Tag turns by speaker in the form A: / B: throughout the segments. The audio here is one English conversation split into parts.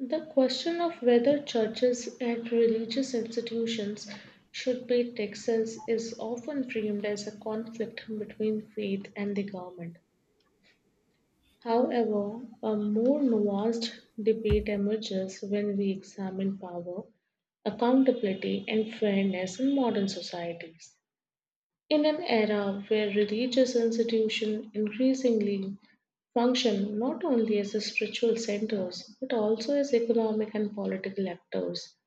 A: The question of whether churches and religious institutions should pay taxes is often framed as a conflict between faith and the government. However, a more nuanced debate emerges when we examine power, accountability, and fairness in modern societies. In an era where religious institutions increasingly function not only as spiritual centers but also as economic and political actors,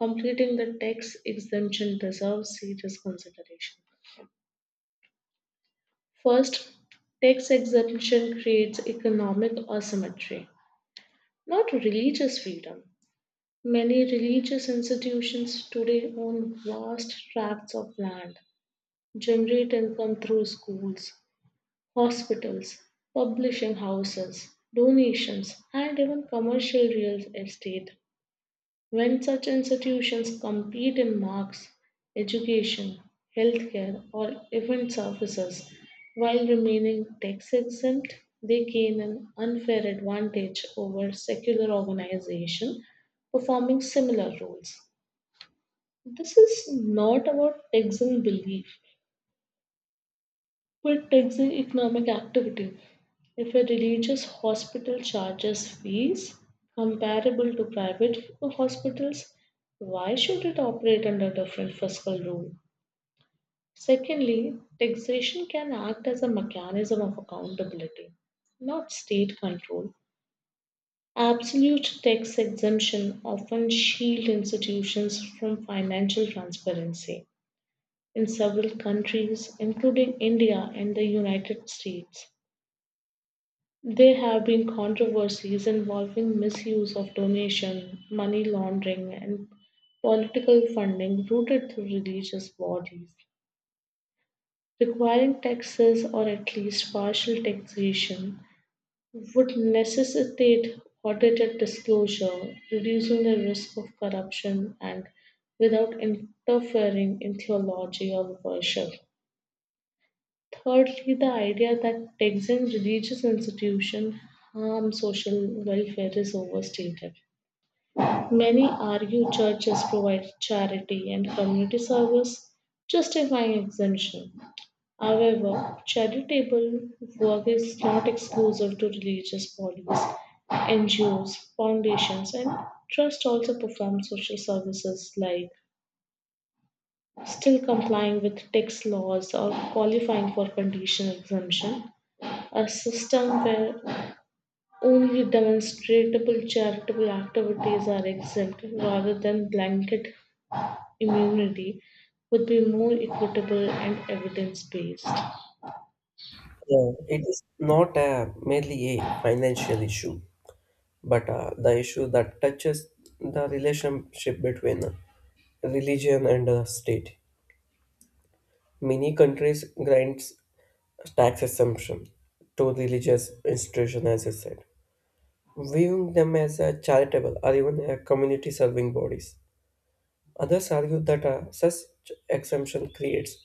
A: completing the tax exemption deserves serious consideration. First, tax exemption creates economic asymmetry, not religious freedom. Many religious institutions today own vast tracts of land, generate income through schools, hospitals, publishing houses, donations, and even commercial real estate. When such institutions compete in marks, education, healthcare, or event services while remaining tax exempt, they gain an unfair advantage over secular organizations performing similar roles. This is not about tax and belief, but taxing economic activity. If a religious hospital charges fees comparable to private hospitals, why should it operate under different fiscal rule? Secondly, taxation can act as a mechanism of accountability, not state control. Absolute tax exemption often shield institutions from financial transparency. In several countries, including India and the United States, there have been controversies involving misuse of donation, money laundering, and political funding routed through religious bodies. Requiring taxes or at least partial taxation would necessitate audited disclosure, reducing the risk of corruption and without interfering in theology or worship. Thirdly, the idea that taxing religious institutions harm social welfare is overstated. Many argue churches provide charity and community service, justifying exemption. However, charitable work is not exclusive to religious bodies. NGOs, foundations, and trusts also perform social services like still complying with tax laws or qualifying for conditional exemption, a system where only demonstratable charitable activities are exempt rather than blanket immunity would be more equitable and evidence based.
B: Yeah, it is not a, merely a financial issue, but the issue that touches the relationship between religion and the state. Many countries grants tax exemption to religious institutions, as I said, viewing them as a charitable or even a community serving bodies. Others argue that such exemption creates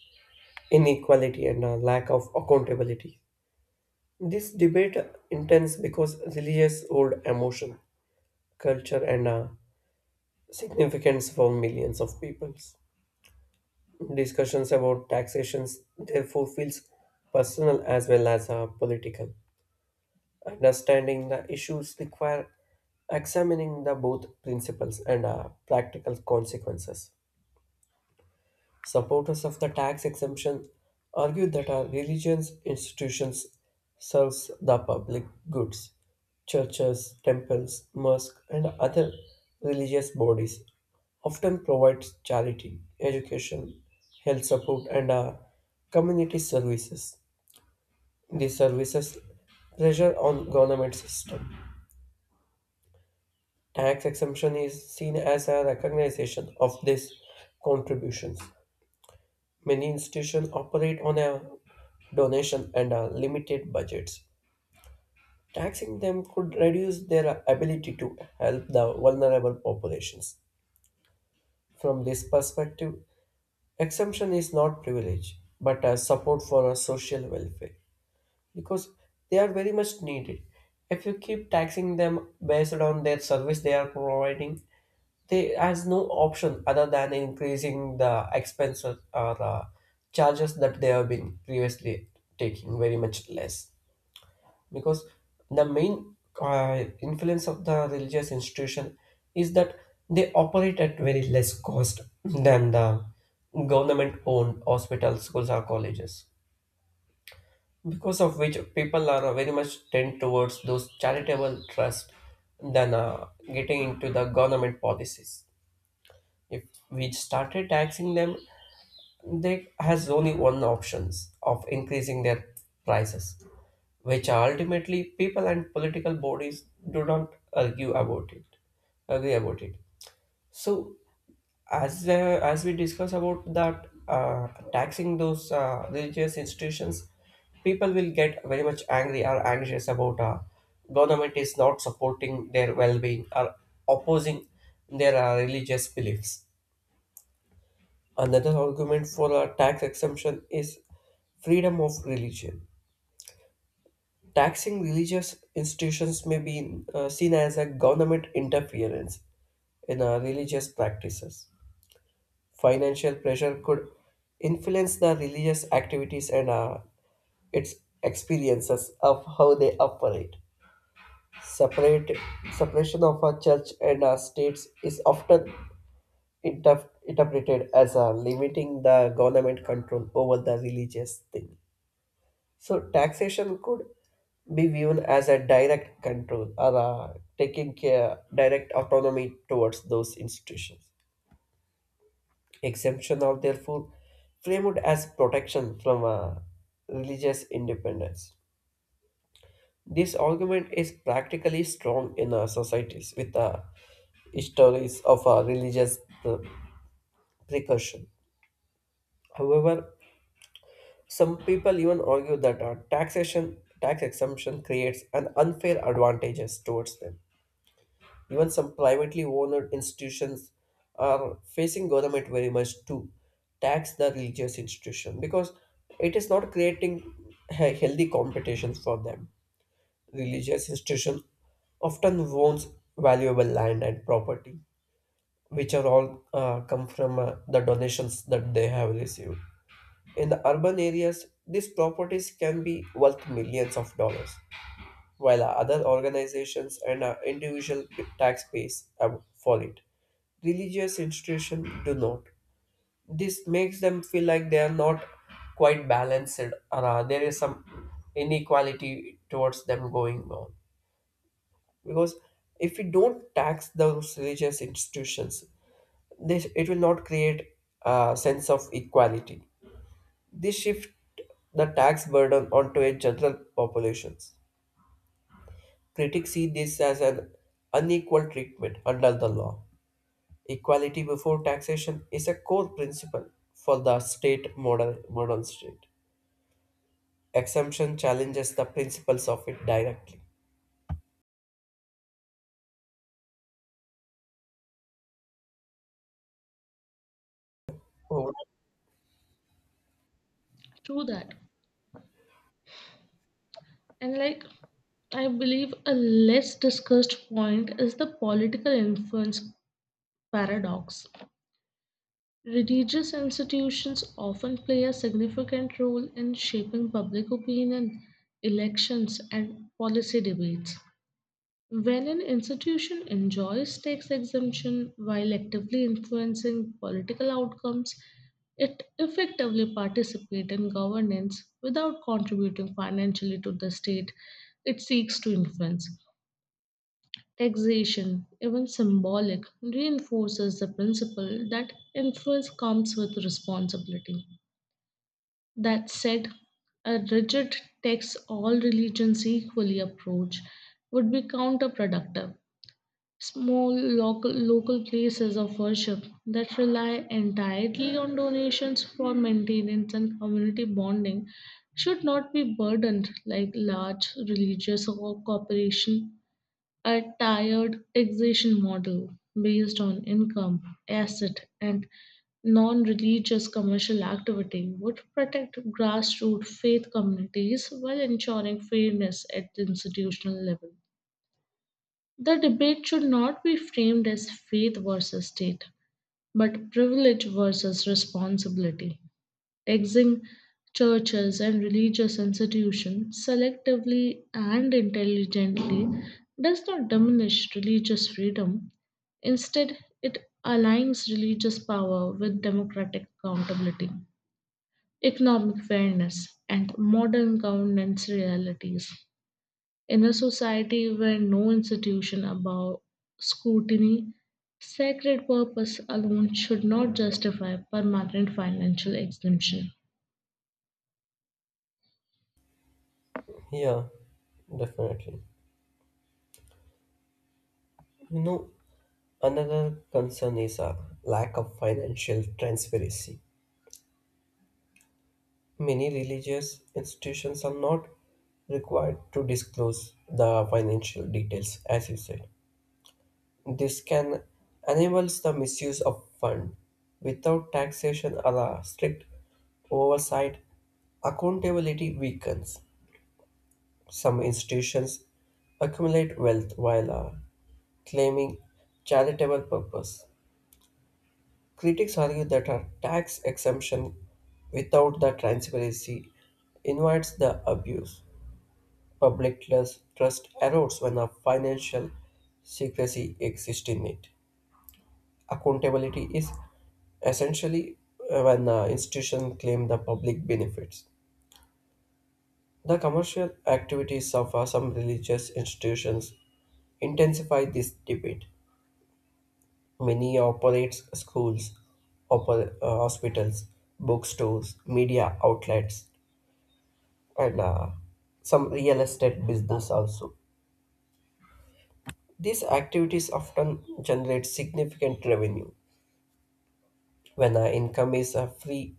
B: inequality and a lack of accountability. This debate intense because religious hold emotion, culture, and significance for millions of peoples. Discussions about taxations therefore feels personal as well as political. Understanding the issues require examining the both principles and practical consequences. Supporters of the tax exemption argue that our religions institutions serves the public goods. Churches, temples, mosques, and other religious bodies often provide charity, education, health support, and community services. These services pressure on government system. Tax exemption is seen as a recognition of these contributions. Many institutions operate on a donation and a limited budgets. Taxing them could reduce their ability to help the vulnerable populations. From this perspective, exemption is not privilege, but a support for a social welfare because they are very much needed. If you keep taxing them based on their service they are providing, they has no option other than increasing the expenses or charges that they have been previously taking very much less because the main influence of the religious institution is that they operate at very less cost than the government owned hospitals schools or colleges because of which people are very much tend towards those charitable trusts than getting into the government policies. If we started taxing them, they has only one options of increasing their prices, which are ultimately people and political bodies do not argue about it, agree about it. So as we discuss about that taxing those religious institutions, people will get very much angry or anxious about government is not supporting their well-being or opposing their religious beliefs. Another argument for a tax exemption is freedom of religion. Taxing religious institutions may be seen as a government interference in religious practices. Financial pressure could influence the religious activities and its experiences of how they operate. Separate separation of a church and a states is often interpreted as a limiting the government control over the religious thing. So taxation could be viewed as a direct control or a taking care direct autonomy towards those institutions. Exemption are therefore framed as protection from a religious independence. This argument is practically strong in our societies with the stories of a religious uh, precaution. However, some people even argue that tax exemption creates an unfair advantages towards them. Even some privately owned institutions are facing government very much to tax the religious institution because it is not creating healthy competitions for them. Religious institution often owns valuable land and property, which are all come from the donations that they have received. In the urban areas, these properties can be worth millions of dollars while other organizations and individual taxpayers for it. Religious institutions do not. This makes them feel like they are not quite balanced or there is some inequality towards them going on. Because if we don't tax those religious institutions, it will not create a sense of equality. This shift the tax burden onto a general populations. Critics see this as an unequal treatment under the law. Equality before taxation is a core principle for the modern state. Exemption challenges the principles of it directly. Oh,
A: True that. And like, I believe a less discussed point is the political influence paradox. Religious institutions often play a significant role in shaping public opinion, elections, and policy debates. When an institution enjoys tax exemption while actively influencing political outcomes, it effectively participates in governance without contributing financially to the state it seeks to influence. Taxation, even symbolic, reinforces the principle that influence comes with responsibility. That said, a rigid tax all religions equally approach would be counterproductive. Small local, places of worship that rely entirely on donations for maintenance and community bonding should not be burdened like large religious or corporation. A tiered taxation model based on income, asset, and non religious commercial activity would protect grassroots faith communities while ensuring fairness at the institutional level. The debate should not be framed as faith versus state, but privilege versus responsibility. Taxing churches and religious institutions selectively and intelligently does not diminish religious freedom. Instead, it aligns religious power with democratic accountability, economic fairness, and modern governance realities. In a society where no institution above scrutiny, sacred purpose alone should not justify permanent financial exemption.
B: yeah, definitely. You know, another concern is a lack of financial transparency. Many religious institutions are not required to disclose the financial details, as you said. This can enables the misuse of fund without taxation or a strict oversight. Accountability weakens. Some institutions accumulate wealth while claiming charitable purpose. Critics argue that a tax exemption without the transparency invites the abuse. Public trust erodes when a financial secrecy exists in it. Accountability is essentially when institutions claim the public benefits. The commercial activities of some religious institutions intensify this debate. Many operates schools, hospitals, bookstores, media outlets, and some real estate business also. These activities often generate significant revenue when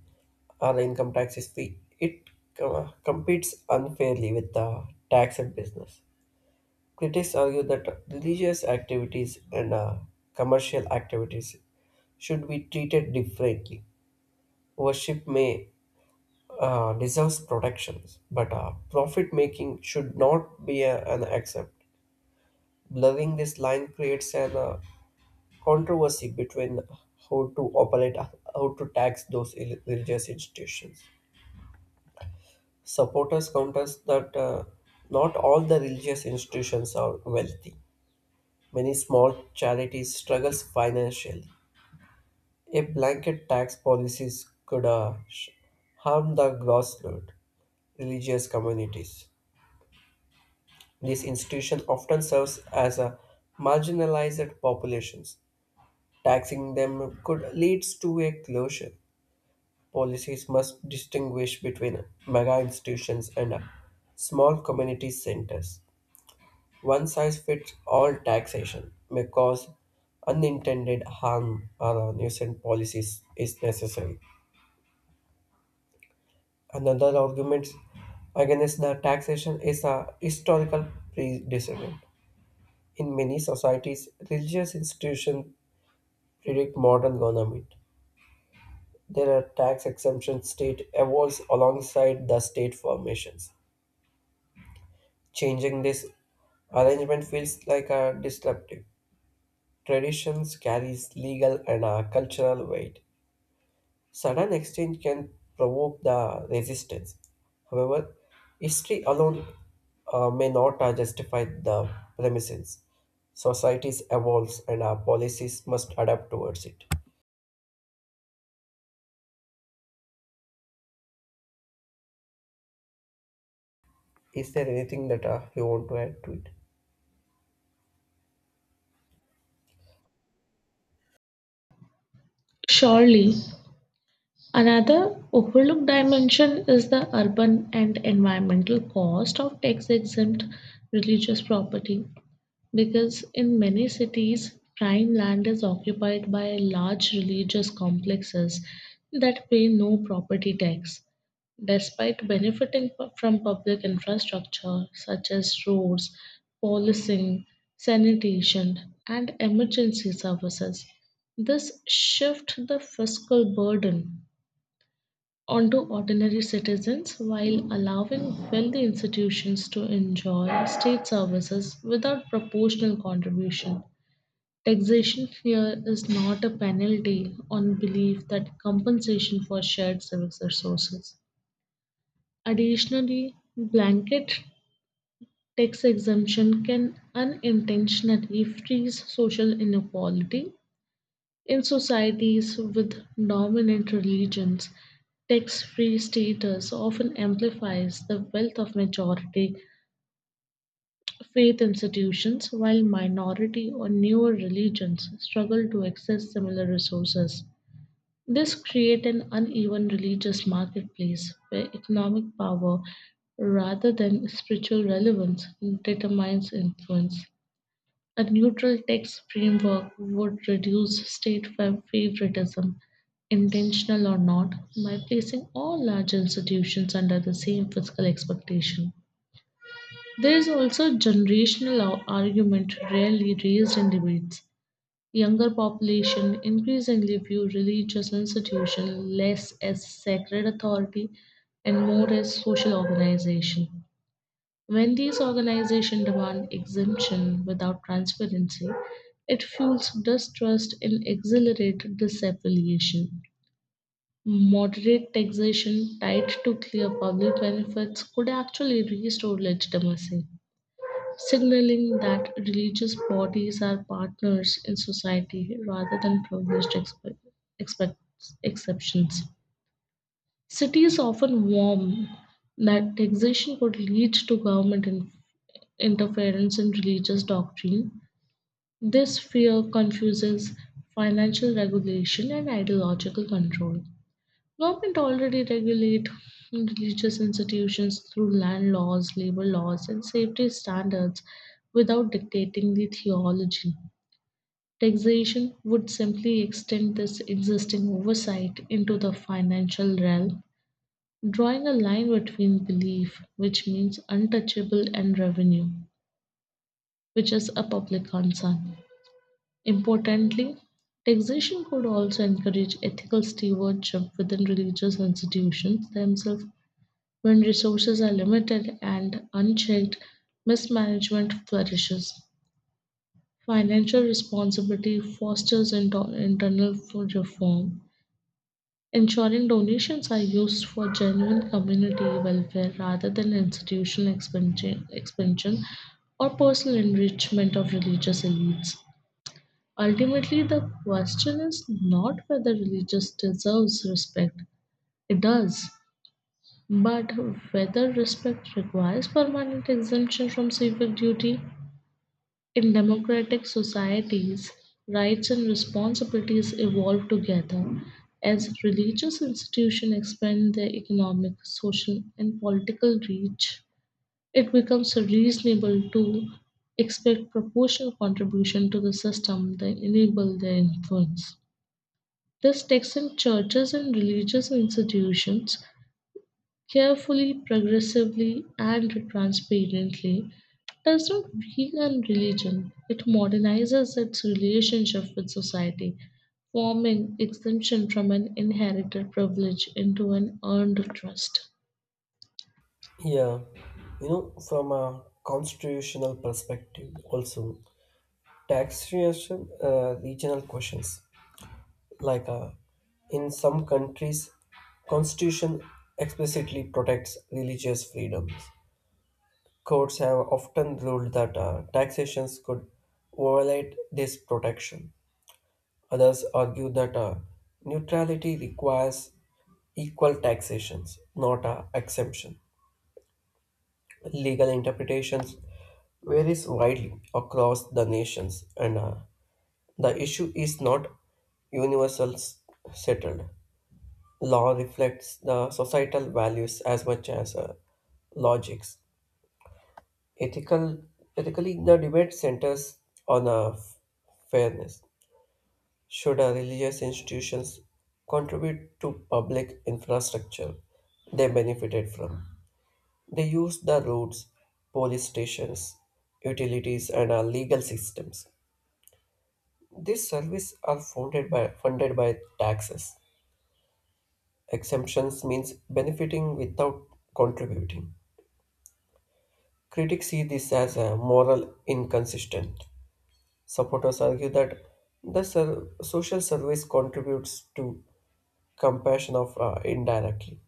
B: our income tax is free, it competes unfairly with the tax and business. Critics argue that religious activities and commercial activities should be treated differently. Worship may deserves protections, but profit making should not be an accept. Blurring this line creates an controversy between how to operate, how to tax those religious institutions. Supporters counters that not all the religious institutions are wealthy. Many small charities struggles financially. A blanket tax policies could harm the grassroots religious communities. This institution often serves as a marginalized populations. Taxing them could leads to a closure. Policies must distinguish between mega institutions and small community centers. One size fits all taxation may cause unintended harm or nuisance policies is necessary. Another argument against the taxation is a historical precedent. In many societies, religious institutions predict modern government. There are tax exemption state evolves alongside the state formations. Changing this arrangement feels like a disruptive. Traditions carries legal and cultural weight. Sudden exchange can provoke the resistance. However, history alone may not justify the premises. Societies evolves and our policies must adapt towards it. Is there anything that you want to add to it?
A: Surely, another overlooked dimension is the urban and environmental cost of tax exempt religious property. Because in many cities, prime land is occupied by large religious complexes that pay no property tax. Despite benefiting from public infrastructure such as roads, policing, sanitation, and emergency services, this shifts the fiscal burden onto ordinary citizens while allowing wealthy institutions to enjoy state services without proportional contribution. Taxation here is not a penalty on belief that compensation for shared service resources. Additionally, blanket tax exemption can unintentionally freeze social inequality in societies with dominant religions, tax-free status often amplifies the wealth of majority faith institutions, while minority or newer religions struggle to access similar resources. This creates an uneven religious marketplace where economic power rather than spiritual relevance determines influence. A neutral text framework would reduce state favoritism, intentional or not, by placing all large institutions under the same fiscal expectation. There is also a generational argument rarely raised in debates. Younger population increasingly view religious institutions less as sacred authority and more as social organization. When these organizations demand exemption without transparency, it fuels distrust and accelerates disaffiliation. Moderate taxation tied to clear public benefits could actually restore legitimacy, signaling that religious bodies are partners in society rather than privileged expect- exceptions. Cities often warm that taxation could lead to government interference in religious doctrine. This fear confuses financial regulation and ideological control. Government already regulate religious institutions through land laws, labor laws, and safety standards without dictating the theology. Taxation would simply extend this existing oversight into the financial realm drawing a line between belief, which means untouchable, and revenue, which is a public concern. Importantly, taxation could also encourage ethical stewardship within religious institutions themselves. When resources are limited and unchecked, mismanagement flourishes. Financial responsibility fosters internal reform, ensuring donations are used for genuine community welfare rather than institutional expansion or personal enrichment of religious elites. Ultimately, the question is not whether religion deserves respect, it does, but whether respect requires permanent exemption from civic duty. In democratic societies, rights and responsibilities evolve together as religious institutions expand their economic, social, and political reach. It becomes reasonable to expect proportional contribution to the system that enable their influence. This takes in churches and religious institutions carefully, progressively, and transparently, does not weaken religion, it modernizes its relationship with society, forming exemption from an inherited privilege into an earned trust.
B: Yeah, you know, from a constitutional perspective, also taxation, regional questions like in some countries, constitution explicitly protects religious freedoms. Courts have often ruled that taxations could violate this protection. Others argue that neutrality requires equal taxations, not a exemption. Legal interpretations varies widely across the nations, and the issue is not universal settled. Law reflects the societal values as much as logics. Ethical, ethically, the debate centers on fairness. Should religious institutions contribute to public infrastructure they benefited from? They use the roads, police stations, utilities, and legal systems. These services are funded by taxes. Exemptions means benefiting without contributing. Critics see this as a moral inconsistent. Supporters argue that the social service contributes to compassion of indirectly.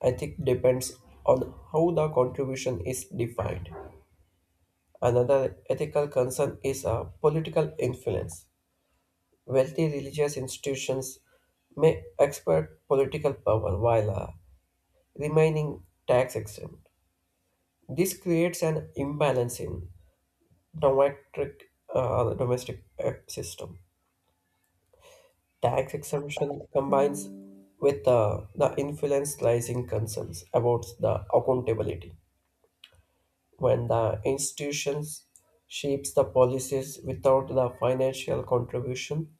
B: Ethic depends on how the contribution is defined. Another ethical concern is political influence. Wealthy religious institutions may expert political power while remaining tax exempt. This creates an imbalance in domestic, domestic system. Tax exemption combines with the influence rising concerns about the accountability when the institutions shapes the policies without the financial contribution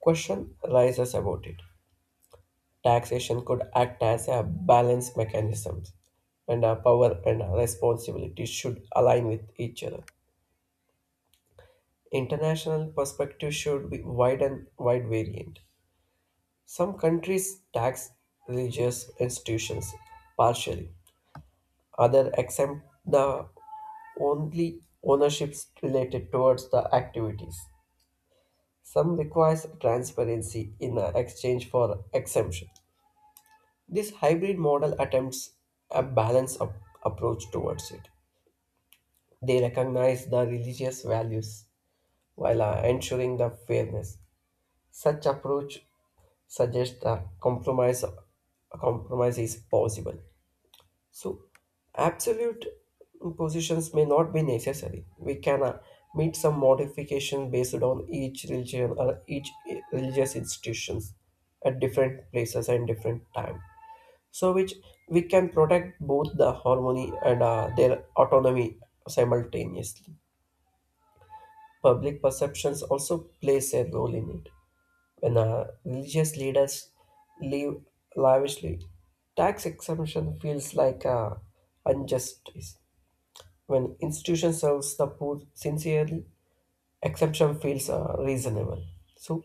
B: question rises about it. Taxation could act as a balance mechanism, and our power and our responsibility should align with each other. International perspective should be wide and wide variant. Some countries tax religious institutions partially, others exempt the only ownerships related towards the activities. Some requires transparency in exchange for exemption. This hybrid model attempts a balanced approach towards it. They recognize the religious values while ensuring the fairness. Such approach suggests a compromise is possible. So, absolute positions may not be necessary. We can meet some modification based on each religion or each religious institutions at different places and different time. So, which we can protect both the harmony and their autonomy simultaneously. Public perceptions also plays a role in it. When religious leaders live lavishly, tax exemption feels like injustice. When institution serves the poor sincerely, exemption feels reasonable. So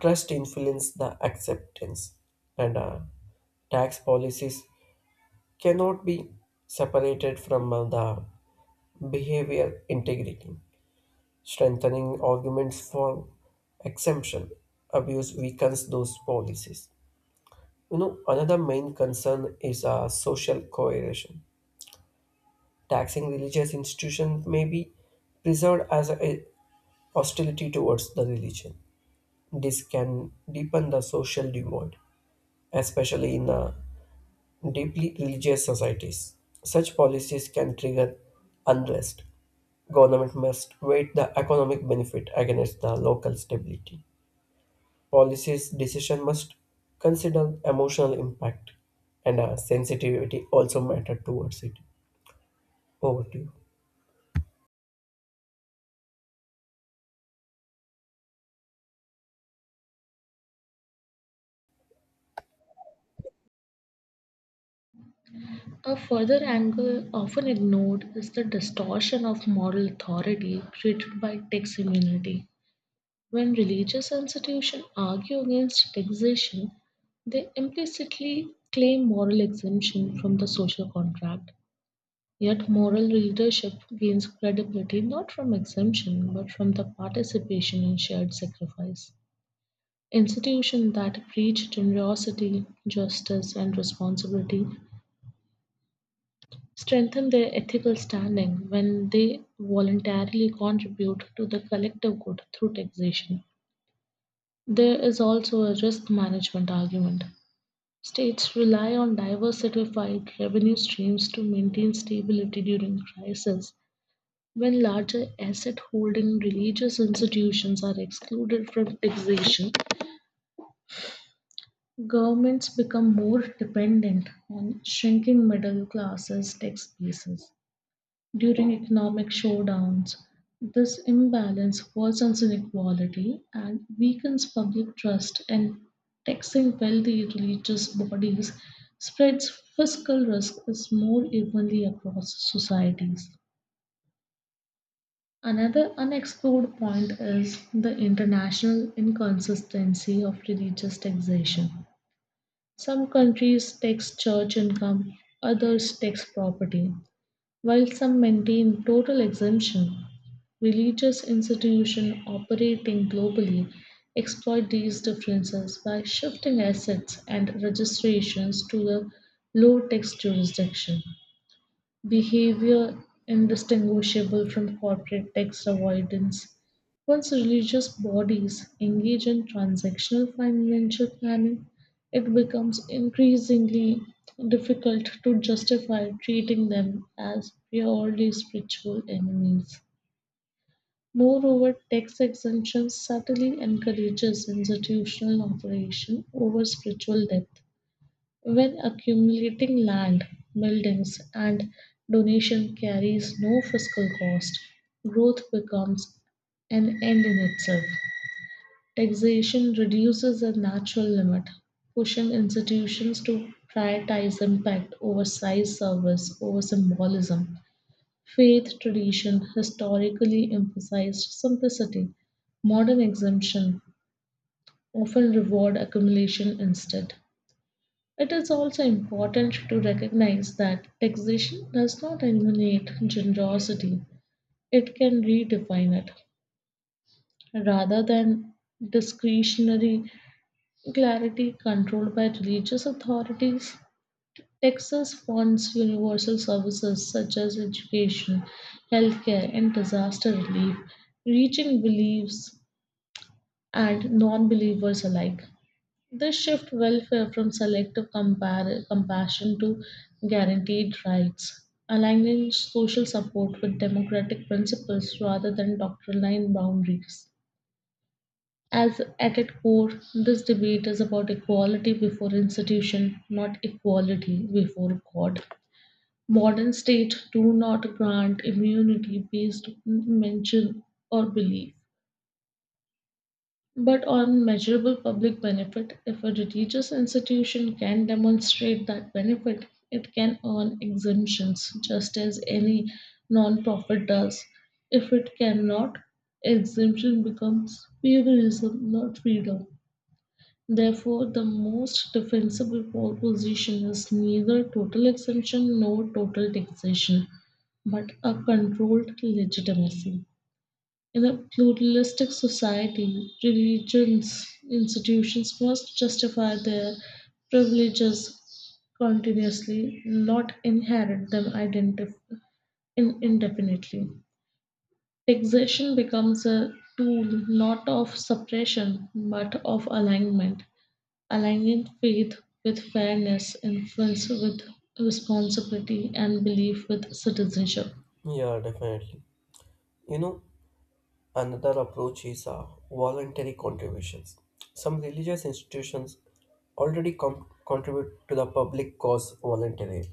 B: trust influences the acceptance, and tax policies cannot be separated from the behavior integrity. Strengthening arguments for exemption abuse weakens those policies. You know, another main concern is social coercion. Taxing religious institutions may be preserved as a hostility towards the religion. This can deepen the social divide, especially in deeply religious societies. Such policies can trigger unrest. Government must weigh the economic benefit against the local stability. Policies decision must consider emotional impact, and sensitivity also matter towards it. Over to you.
A: A further angle often ignored is the distortion of moral authority created by tax immunity. When religious institutions argue against taxation, they implicitly claim moral exemption from the social contract. Yet, moral leadership gains credibility not from exemption but from the participation in shared sacrifice. Institutions that preach generosity, justice, and responsibility strengthen their ethical standing when they voluntarily contribute to the collective good through taxation. There is also a risk management argument. States rely on diversified revenue streams to maintain stability during crisis. When larger asset holding religious institutions are excluded from taxation, governments become more dependent on shrinking middle classes' tax bases during economic showdowns. This imbalance worsens inequality and weakens public trust, and taxing wealthy religious bodies spreads fiscal risk is more evenly across societies. Another unexplored point is the international inconsistency of religious taxation. Some countries tax church income, others tax property, while some maintain total exemption, religious institutions operating globally exploit these differences by shifting assets and registrations to the low tax jurisdiction behavior indistinguishable from corporate tax avoidance. Once religious bodies engage in transactional financial planning, it becomes increasingly difficult to justify treating them as purely spiritual enemies. Moreover, tax exemption subtly encourages institutional operation over spiritual depth. When accumulating land, buildings, and donation carries no fiscal cost, growth becomes an end in itself. Taxation reduces the natural limit, pushing institutions to prioritize impact over size, service over symbolism. Faith tradition historically emphasized simplicity. Modern exemption often reward accumulation instead. It is also important to recognize that taxation does not eliminate generosity, it can redefine it. Rather than discretionary clarity controlled by religious authorities, Texas funds universal services such as education, healthcare, and disaster relief, reaching believers and non believers alike. This shift welfare from selective compassion to guaranteed rights, aligning social support with democratic principles rather than doctrinal boundaries. As at its core, this debate is about equality before institution, not equality before God. Modern states do not grant immunity based on mention or belief, but on measurable public benefit. If a religious institution can demonstrate that benefit, it can earn exemptions just as any non-profit does. If it cannot, exemption becomes favoritism, not freedom. Therefore, the most defensible proposition is neither total exemption nor total taxation, but a controlled legitimacy. In a pluralistic society, religions institutions must justify their privileges continuously, not inherit them indefinitely. Taxation becomes a tool not of suppression but of alignment, aligning faith with fairness, influence with responsibility, and belief with citizenship.
B: Yeah, definitely. You know, another approach is voluntary contributions. Some religious institutions already contribute to the public cause voluntarily.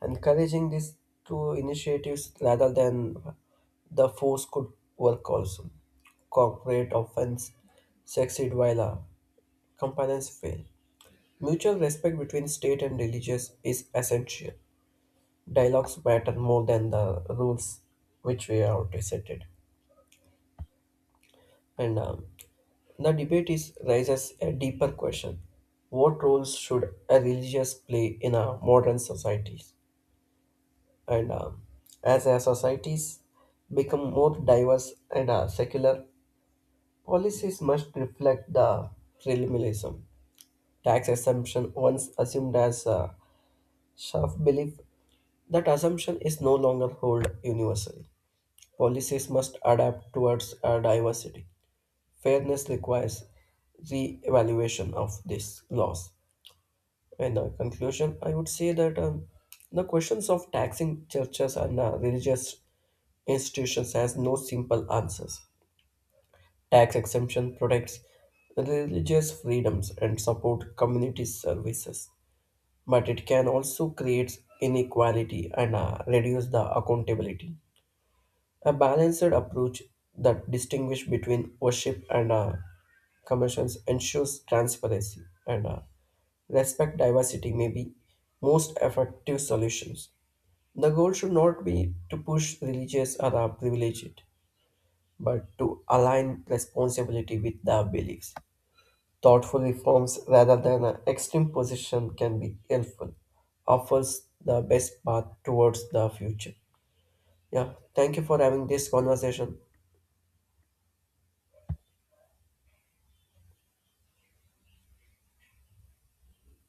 B: Encouraging these two initiatives rather than the force could work also. Corporate offense succeed while companions fail. Mutual respect between state and religious is essential. Dialogues matter more than the rules which we are presented. And the debate is raises a deeper question: what roles should a religious play in our modern societies? And as our societies become more diverse and secular, policies must reflect the relativism. Tax exemption once assumed as a self-belief, that assumption is no longer hold universally. Policies must adapt towards our diversity. Fairness requires re-evaluation of this laws. In the conclusion, I would say that the questions of taxing churches and religious institutions has no simple answers. Tax exemption protects religious freedoms and support community services, but it can also create inequality and reduce the accountability. A balanced approach that distinguishes between worship and commissions ensures transparency and respect diversity may be most effective solutions. The goal should not be to push religious or privilege it, but to align responsibility with the beliefs. Thoughtful reforms rather than an extreme position can be helpful, offers the best path towards the future. Yeah, thank you for having this conversation.